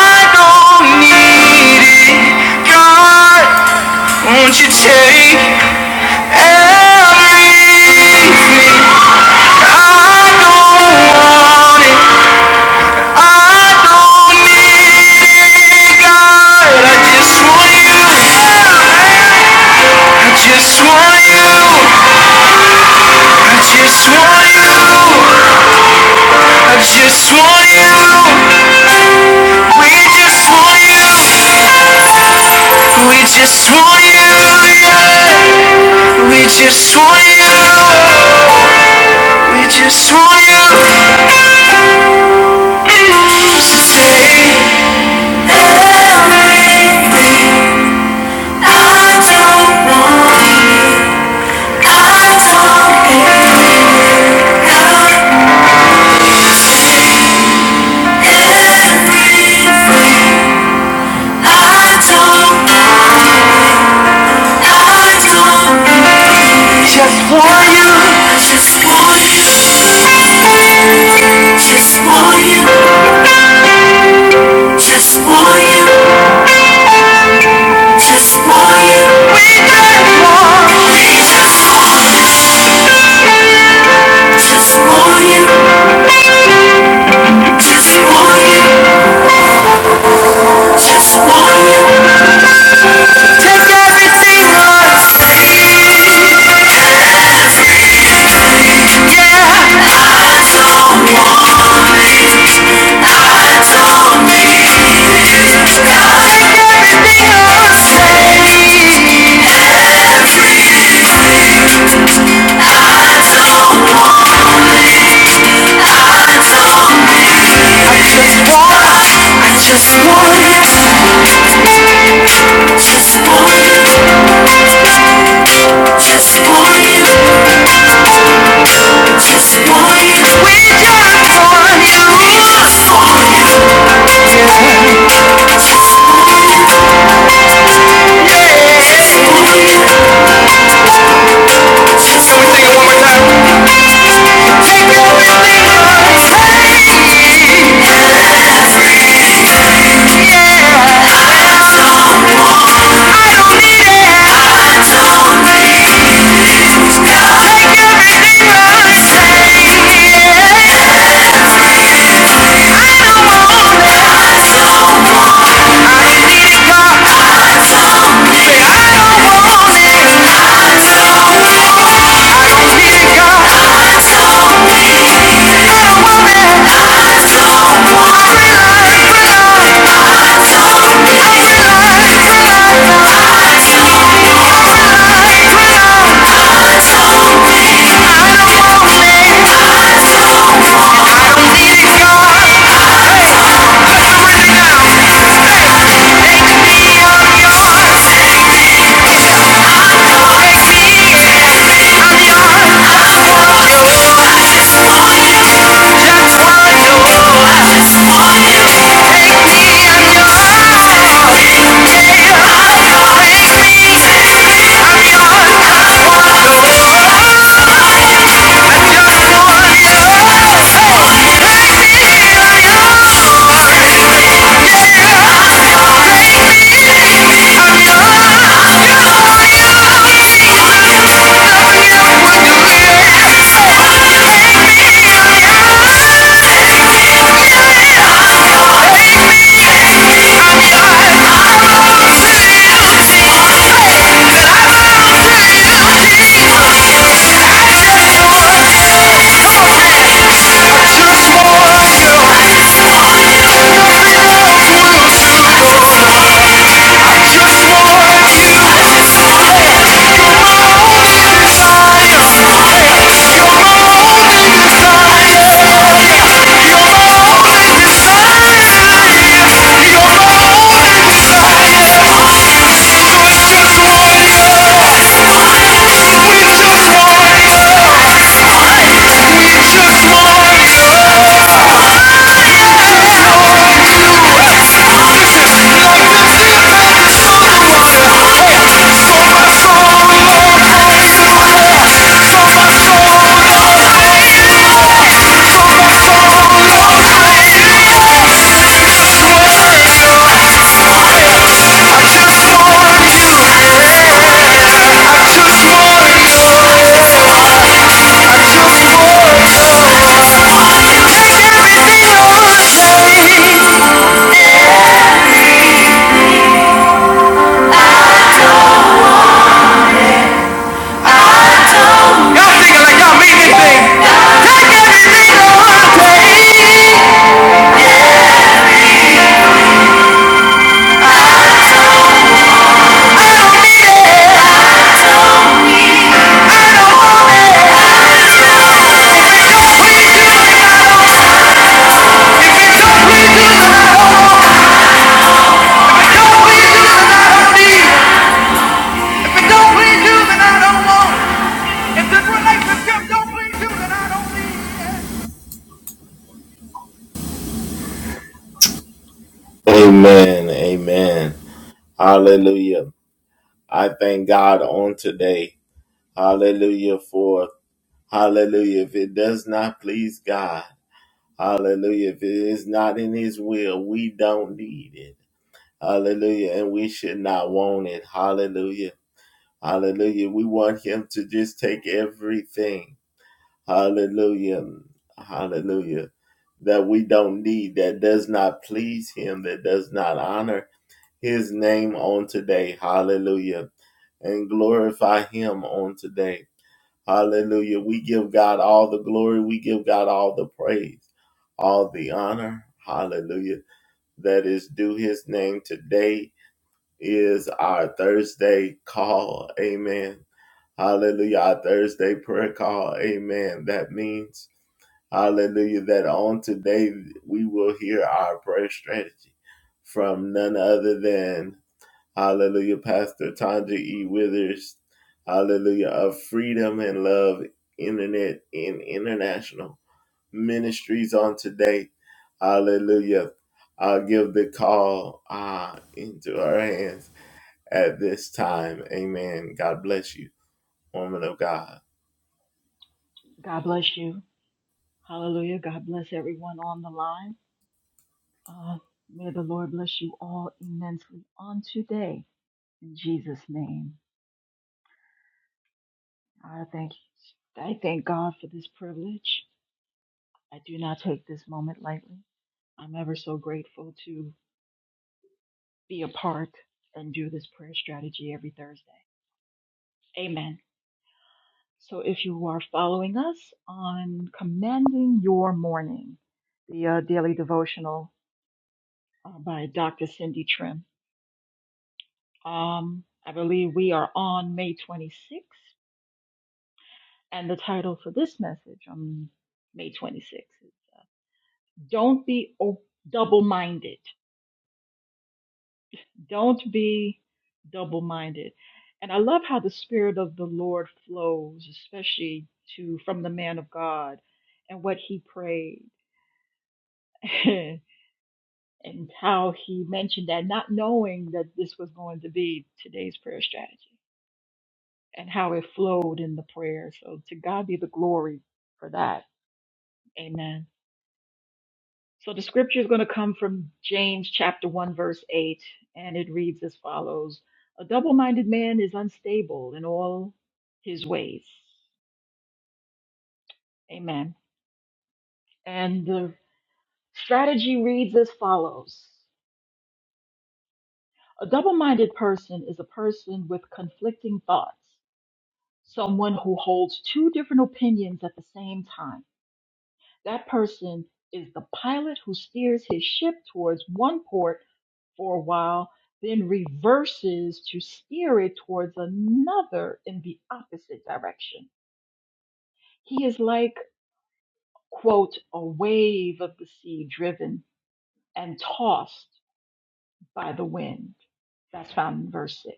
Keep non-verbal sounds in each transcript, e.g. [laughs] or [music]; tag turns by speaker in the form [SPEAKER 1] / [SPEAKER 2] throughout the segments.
[SPEAKER 1] I don't need it. God, won't you take every? I don't want it. I don't need it. I just want you. I just want you. I just want you. I just want you. We just want you. We just want you. Yeah. We just want you. We just want you. Y'all thinking like y'all mean anything. Take everything to heart.
[SPEAKER 2] God bless you. Hallelujah. God bless everyone on the line. Uh, may the Lord bless you all immensely on today. In Jesus' name, I thank I thank God for this privilege. I do not take this moment lightly. I'm ever so grateful to be a part and do this prayer strategy every Thursday. Amen. So if you are following us on Commanding Your Morning, the uh, daily devotional uh, by Dr. Cindy Trim, Um, I believe we are on May 26th, and the title for this message on May 26th is uh, Don't Be o- Double Minded. Don't be double minded. And I love how the Spirit of the Lord flows, especially to from the man of God and what he prayed. [laughs] and how he mentioned that not knowing that this was going to be today's prayer strategy and how it flowed in the prayer. So to God be the glory for that. Amen. So the scripture is going to come from James chapter 1 verse 8 and it reads as follows. A double-minded man is unstable in all his ways. Amen. And the strategy reads as follows. A double-minded person is a person with conflicting thoughts, someone who holds two different opinions at the same time. That person is the pilot who steers his ship towards one port for a while, then reverses to steer it towards another in the opposite direction. He is like, quote, a wave of the sea driven and tossed by the wind. That's found in verse 6.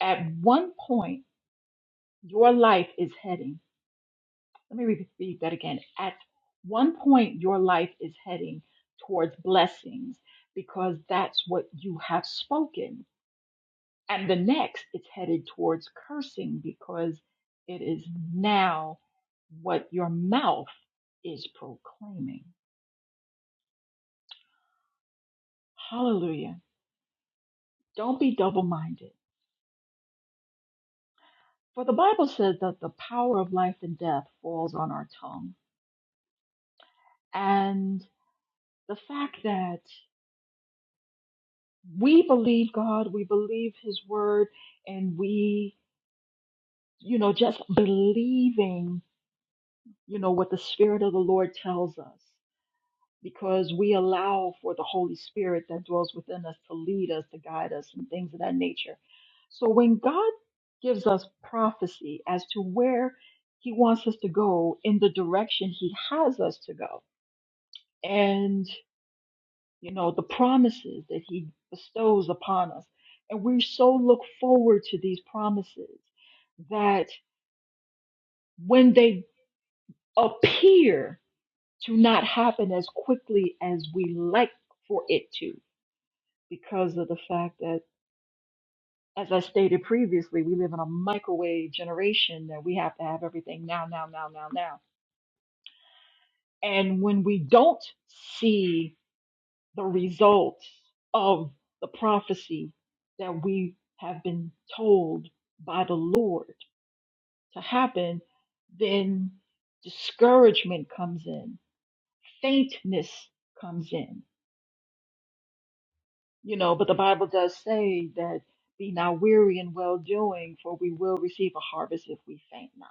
[SPEAKER 2] At one point, your life is heading. Let me repeat that again. At one point, your life is heading towards blessings because that's what you have spoken. And the next, it's headed towards cursing because it is now what your mouth is proclaiming. Hallelujah. Don't be double minded. For the Bible says that the power of life and death falls on our tongue. And the fact that we believe God, we believe His word, and we, you know, just believing, you know, what the Spirit of the Lord tells us because we allow for the Holy Spirit that dwells within us to lead us, to guide us, and things of that nature. So when God gives us prophecy as to where He wants us to go in the direction He has us to go, and you know, the promises that He bestows upon us. And we so look forward to these promises that when they appear to not happen as quickly as we like for it to, because of the fact that, as I stated previously, we live in a microwave generation that we have to have everything now, now, now, now, now. And when we don't see the results of the prophecy that we have been told by the Lord to happen, then discouragement comes in, faintness comes in. You know, but the Bible does say that be not weary in well doing, for we will receive a harvest if we faint not.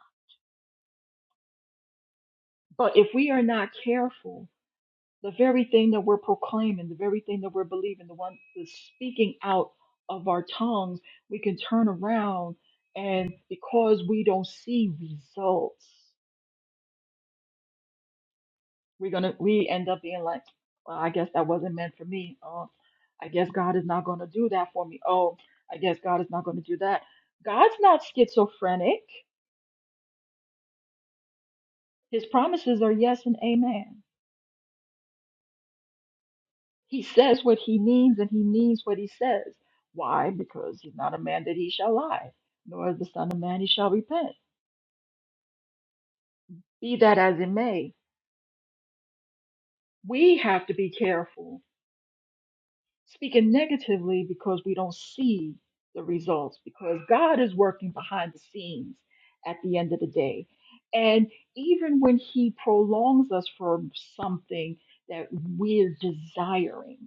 [SPEAKER 2] But if we are not careful, the very thing that we're proclaiming, the very thing that we're believing, the one that's speaking out of our tongues, we can turn around and because we don't see results, we're gonna we end up being like, well, I guess that wasn't meant for me. Oh, I guess God is not gonna do that for me. Oh, I guess God is not gonna do that. God's not schizophrenic. His promises are yes and amen. He says what he means and he means what he says. Why? Because he's not a man that he shall lie, nor is the Son of Man he shall repent. Be that as it may, we have to be careful speaking negatively because we don't see the results, because God is working behind the scenes at the end of the day. And even when he prolongs us for something that we're desiring,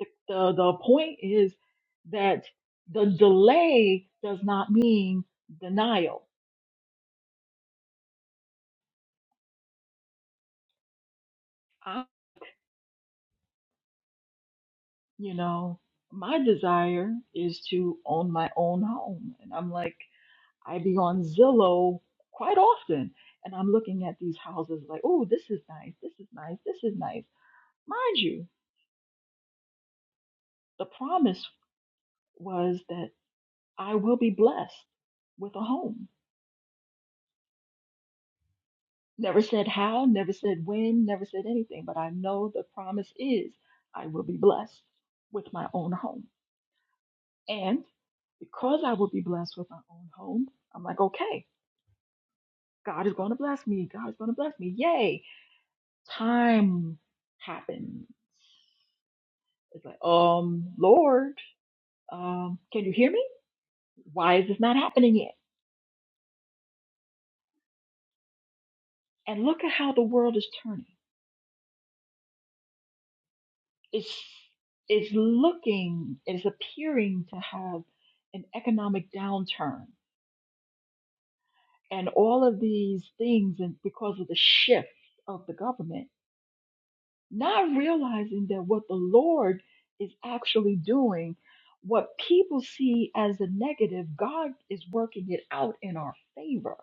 [SPEAKER 2] The, the, the point is that the delay does not mean denial. I, you know, my desire is to own my own home. And I'm like, I be on Zillow quite often. And I'm looking at these houses like, oh, this is nice. This is nice. This is nice. Mind you, the promise was that I will be blessed with a home Never said how, never said when, never said anything, but I know the promise is I will be blessed with my own home. And because I will be blessed with my own home, I'm like, okay, God is going to bless me. God is going to bless me. Yay. Time happened. It's like, um, Lord, um, can you hear me? Why is this not happening yet? And look at how the world is turning. It's, it's looking, it's appearing to have an economic downturn and all of these things and because of the shift of the government not realizing that what the lord is actually doing what people see as a negative god is working it out in our favor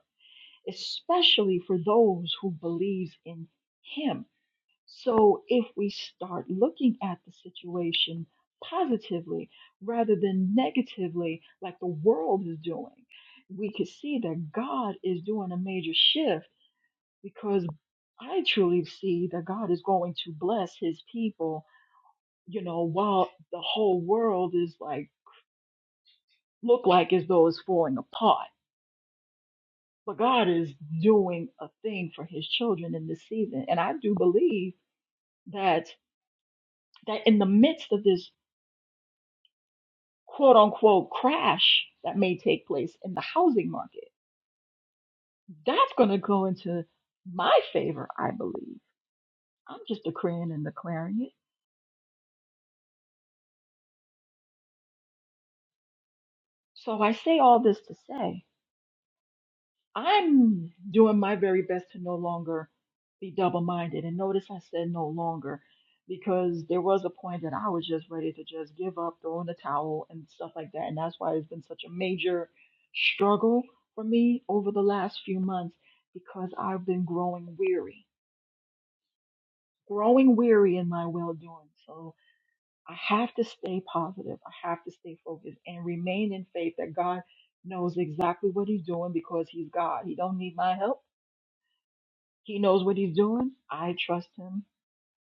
[SPEAKER 2] especially for those who believes in him so if we start looking at the situation positively rather than negatively like the world is doing we could see that god is doing a major shift because I truly see that God is going to bless his people, you know, while the whole world is like look like as though it's falling apart. But God is doing a thing for his children in this season. And I do believe that that in the midst of this quote unquote crash that may take place in the housing market, that's gonna go into my favor, I believe. I'm just decreeing and declaring it. So I say all this to say I'm doing my very best to no longer be double minded. And notice I said no longer because there was a point that I was just ready to just give up, throw in the towel, and stuff like that. And that's why it's been such a major struggle for me over the last few months because I've been growing weary, growing weary in my well doing. So I have to stay positive. I have to stay focused and remain in faith that God knows exactly what he's doing because he's God. He don't need my help. He knows what he's doing. I trust him,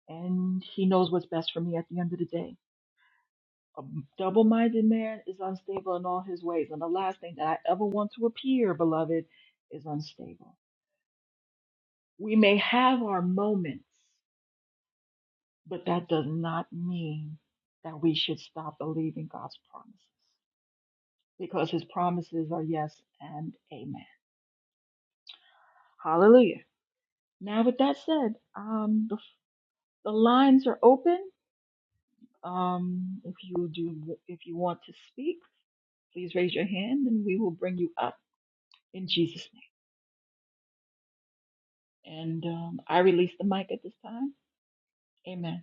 [SPEAKER 2] and he knows what's best for me at the end of the day. A double minded man is unstable in all his ways, and the last thing that I ever want to appear, beloved, is unstable. We may have our moments, but that does not mean that we should stop believing God's promises because his promises are yes and amen. Hallelujah. Now, with that said, um, the, the lines are open. Um, if you do, if you want to speak, please raise your hand, and we will bring you up in Jesus' name. And um, I release the mic at this time. Amen.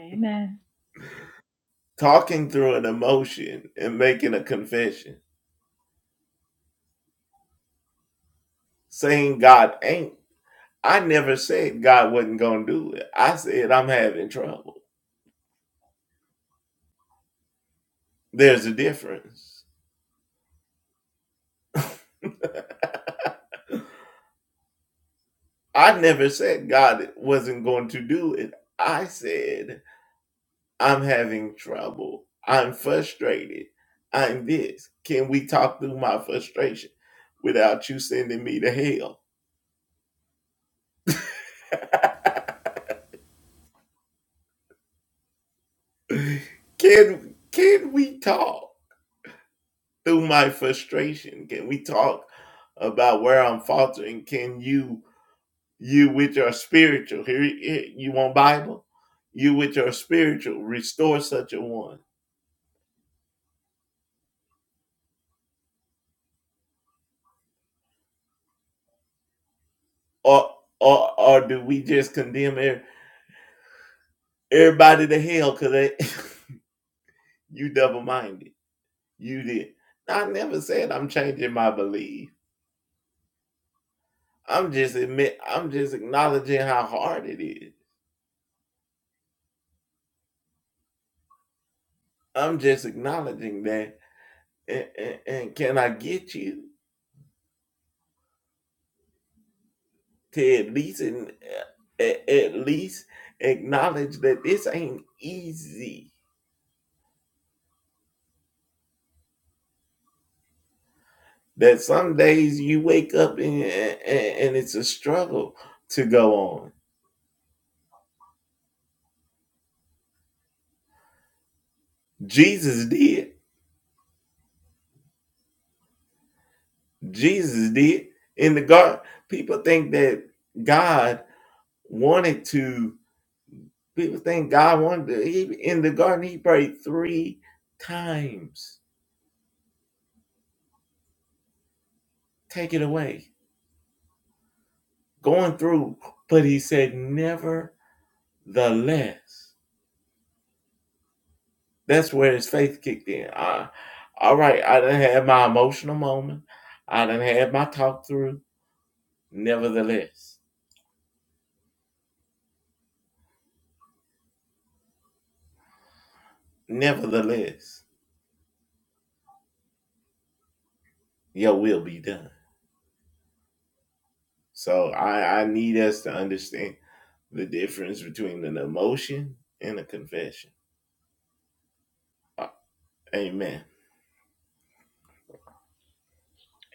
[SPEAKER 2] Amen.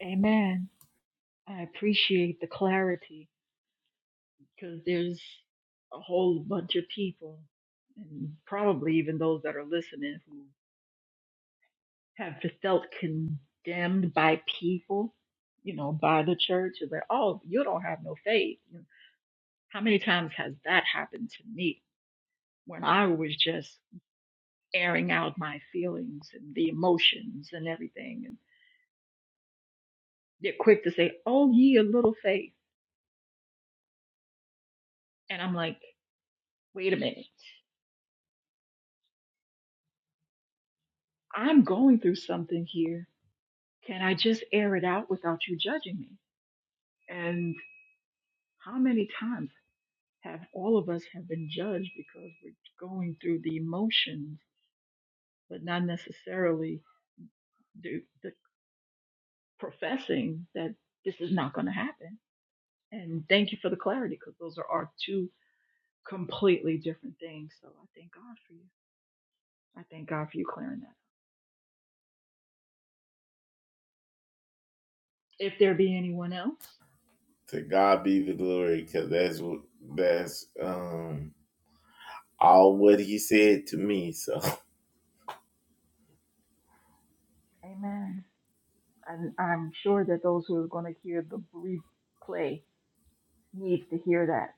[SPEAKER 2] Amen. I appreciate the clarity because there's a whole bunch of people, and probably even those that are listening, who have felt condemned by people, you know, by the church, and they're, like, oh, you don't have no faith. You know, how many times has that happened to me? when I was just airing out my feelings and the emotions and everything. And they're quick to say, Oh, ye a little faith. And I'm like, Wait a minute. I'm going through something here. Can I just air it out without you judging me? And how many times have all of us have been judged because we're going through the emotions, but not necessarily the, the professing that this is not going to happen? And thank you for the clarity because those are our two completely different things. So I thank God for you. I thank God for you clearing that. up. If there be anyone else, Amen. And I'm sure that those who are going to hear the replay needs to hear that.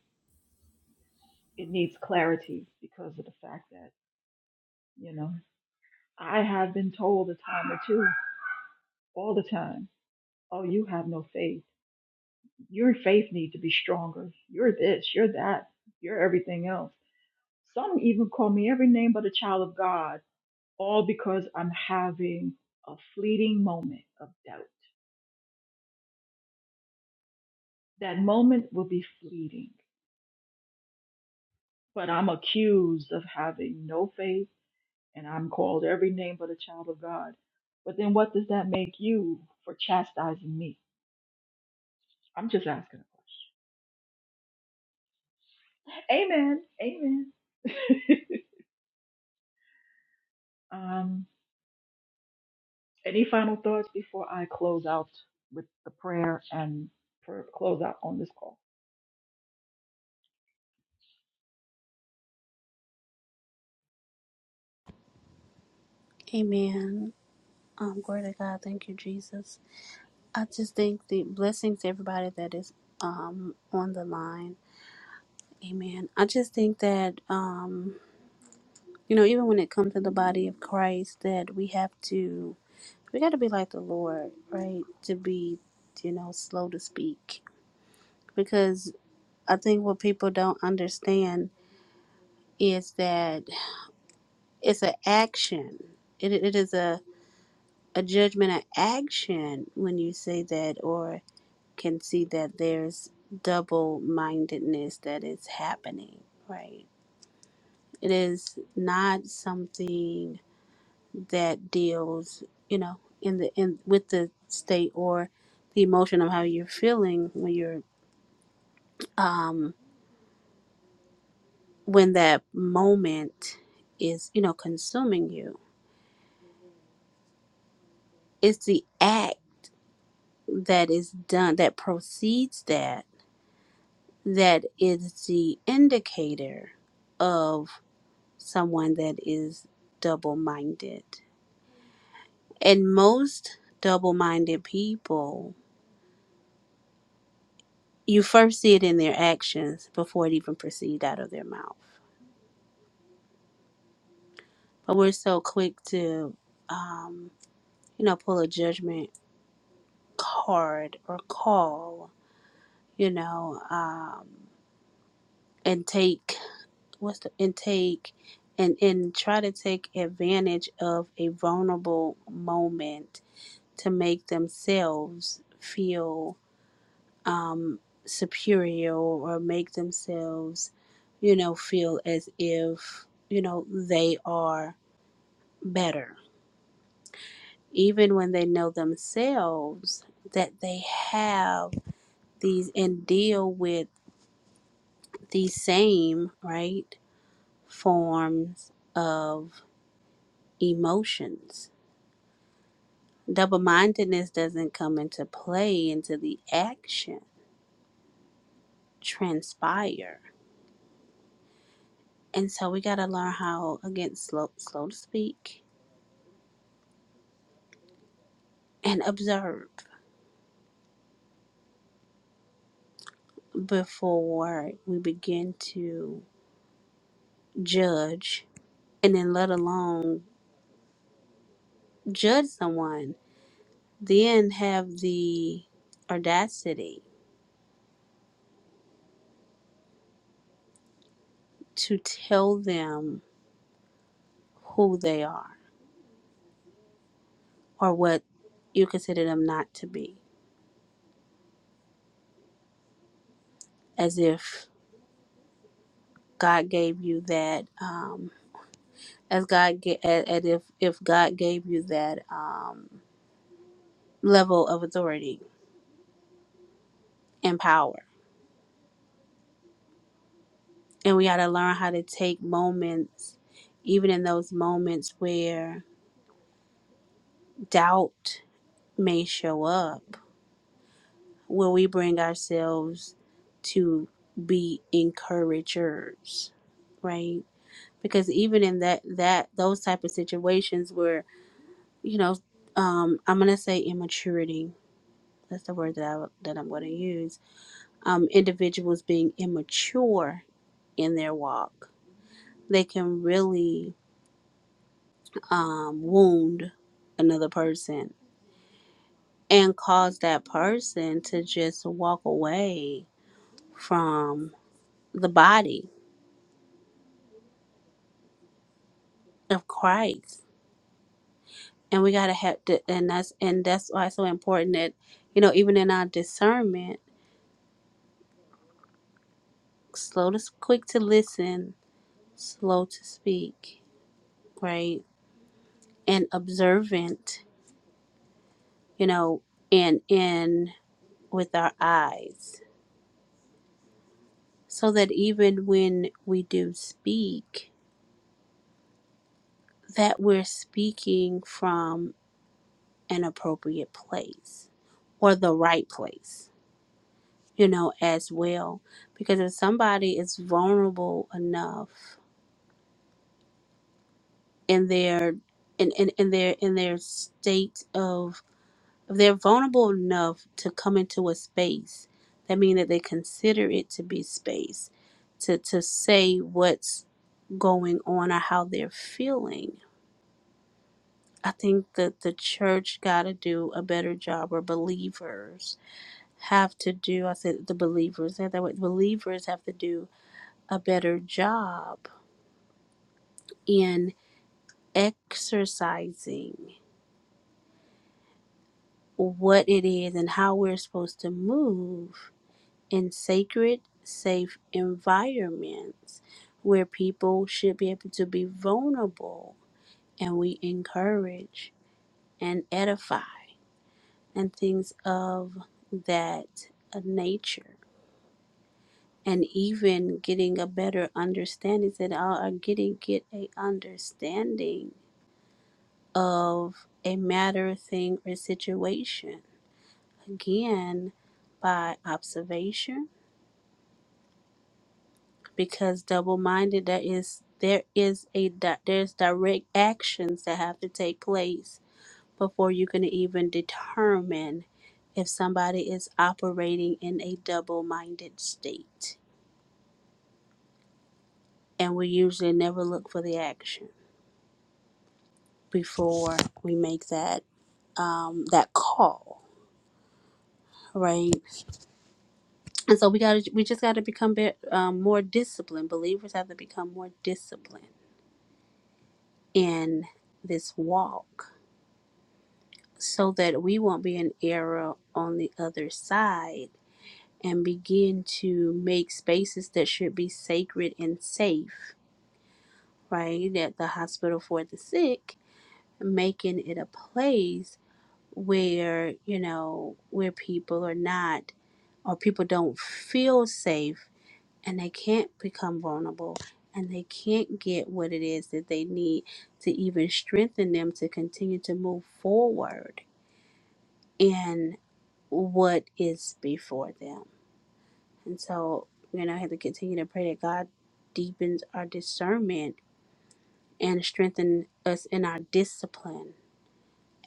[SPEAKER 2] it needs clarity because of the fact that, you know, I have been told a time or two, all the time, oh, you have no faith. Your faith need to be stronger. You're this, you're that, you're everything else. Some even call me every name but a child of God. all because I'm having a fleeting moment of doubt. That moment will be fleeting, but I'm accused of having no faith and I'm called every name but a child of God. But then what does that make you for chastising me? I'm just asking a question. Amen. Amen. [laughs] um, any final thoughts before I close out with the prayer and for close out on this call?
[SPEAKER 3] Amen. Um, glory to God. Thank you, Jesus. I just think the blessings to everybody that is um on the line. Amen. I just think that um, you know, even when it comes to the body of Christ, that we have to we got to be like the Lord, right? To be, you know, slow to speak. Because I think what people don't understand is that it's an action. It, it is a, a judgment, of action when you say that, or can see that there's double mindedness that is happening, right? It is not something that deals, you know, in the in with the state or the emotion of how you're feeling when you're um when that moment is, you know, consuming you. It's the act that is done that precedes that that is the indicator of. someone that is double minded. And most double minded people, you first see it in their actions before it even proceeds out of their mouth. But we're so quick to, um, you know, pull a judgment card or call, you know, um, and take what's the and take and and try to take advantage of a vulnerable moment to make themselves feel um, superior or make themselves, you know, feel as if, you know, they are better. Even when they know themselves that they have these and deal with these same, right, forms of emotions. Double mindedness doesn't come into play until the action transpire. And so we got to learn how, again, slow, slow to speak, and observe before we begin to judge and then let alone judge someone then have the audacity to tell them who they are or what you consider them not to be as if god gave you that um as god ga- a- as if if god gave you that um level of authority and power And we got to learn how to take moments, even in those moments where doubt may show up, where we bring ourselves to be encouragers, right? Because even in that that those type of situations where you know, um, I'm gonna say immaturity. That's the word that I that I'm gonna use. Um, individuals being immature in their walk, they can really um, wound another person and cause that person to just walk away from the body of Christ. And we gotta have to, and that's and that's why it's so important that you know even in our discernment, slow to quick to listen, slow to speak, right, and observant, you know, and in with our eyes, so that even when we do speak, that we're speaking from an appropriate place or the right place, you know, as well. Because if somebody is vulnerable enough in their in, in, in their in their state of if they're vulnerable enough to come into a space, that means that they consider it to be space to to say what's going on or how they're feeling I think that the church got to do a better job, or believers have to do. I said the believers, not that way. Believers have to do a better job in exercising what it is and how we're supposed to move in sacred, safe environments where people should be able to be vulnerable and we encourage and edify and things of that nature and even getting a better understanding that all are getting get a understanding of a matter thing or situation again by observation because double-minded there is there is a di- there's direct actions that have to take place before you can even determine if somebody is operating in a double-minded state and we usually never look for the action before we make that um, that call, right? And so we got to we just got to become bit, um, more disciplined. Believers have to become more disciplined in this walk, so that we won't be an error on the other side and begin to make spaces that should be sacred and safe, right? At the hospital for the sick, making it a place where you know where people are not or people don't feel safe and they can't become vulnerable and they can't get what it is that they need to even strengthen them to continue to move forward in what is before them and so you know I have to continue to pray that god deepens our discernment and strengthen us in our discipline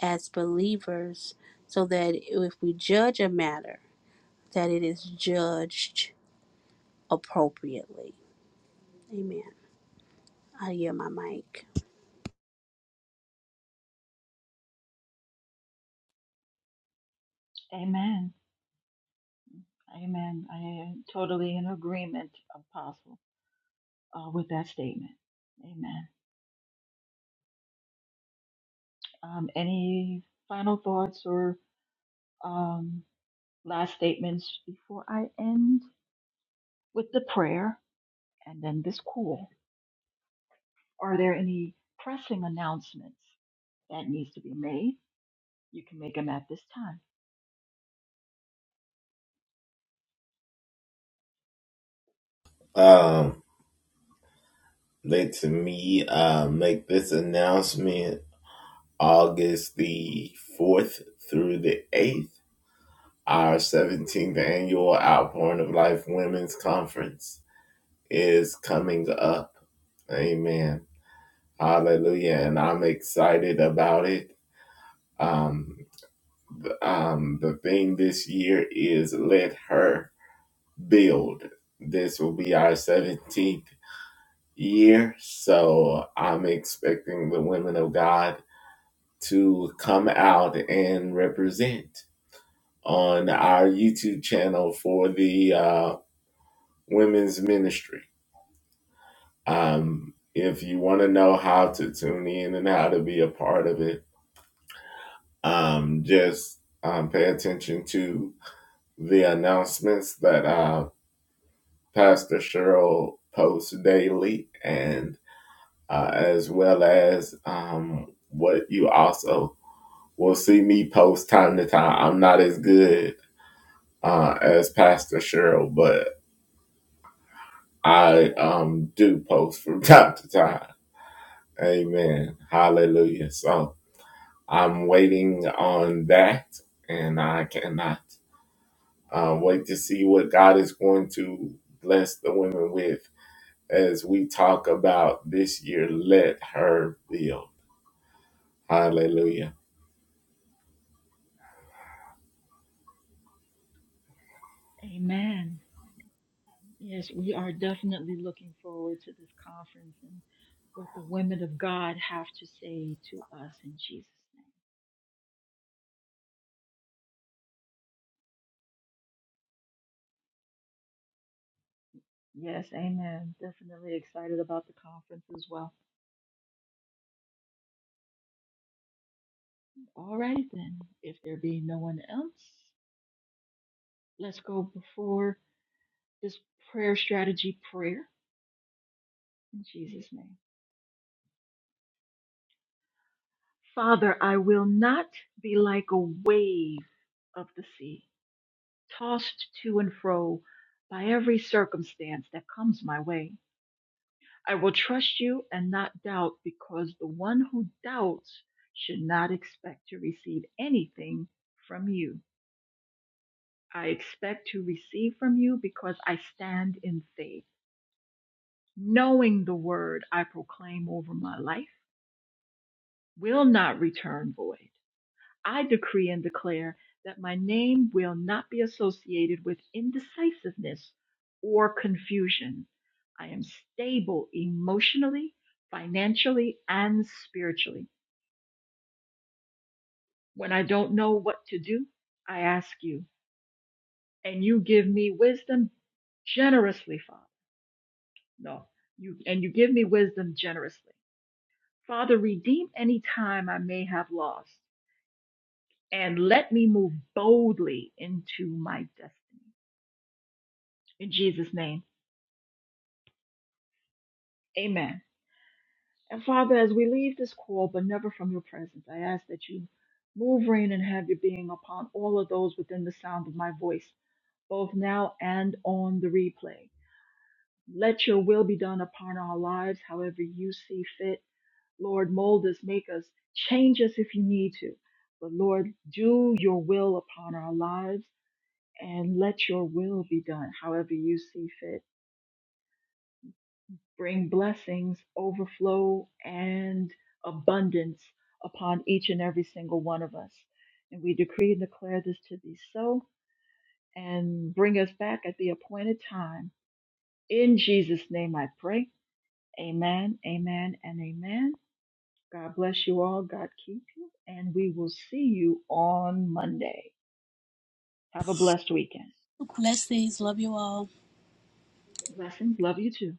[SPEAKER 3] as believers so that if we judge a matter that it is judged appropriately. Amen. I hear my mic.
[SPEAKER 2] Amen. Amen. I am totally in agreement, Apostle. uh, with that statement. Amen. Um, any final thoughts or um, last statements before I end with the prayer and then this call? Are there any pressing announcements that needs to be made? You can make them at this time. Amen. Yes, we are definitely looking forward to this conference and what the women of God have to say to us in Jesus' name. Yes, amen. Definitely excited about the conference as well. All righty then. If there be no one else, let's go before this prayer strategy prayer in Jesus' name. Father, I will not be like a wave of the sea, tossed to and fro by every circumstance that comes my way. I will trust you and not doubt because the one who doubts should not expect to receive anything from you. I expect to receive from you because I stand in faith. knowing the word I proclaim over my life will not return void. I decree and declare that my name will not be associated with indecisiveness or confusion. I am stable emotionally, financially, and spiritually. When I don't know what to do, I ask you, and you give me wisdom generously, Father. No, you and you give me wisdom generously. Father, redeem any time I may have lost and let me move boldly into my destiny. In Jesus' name, amen. And Father, as we leave this call, but never from your presence, I ask that you move, reign, and have your being upon all of those within the sound of my voice, both now and on the replay. Let your will be done upon our lives, however you see fit. Lord, mold us, make us, change us if you need to. But Lord, do your will upon our lives and let your will be done however you see fit. Bring blessings, overflow, and abundance upon each and every single one of us. And we decree and declare this to be so and bring us back at the appointed time. In Jesus' name I pray. Amen, amen, and amen. God bless you all. God keep you. And we will see you on Monday. Have a blessed weekend.
[SPEAKER 3] Blessings. Love you all.
[SPEAKER 2] Blessings. Love you too.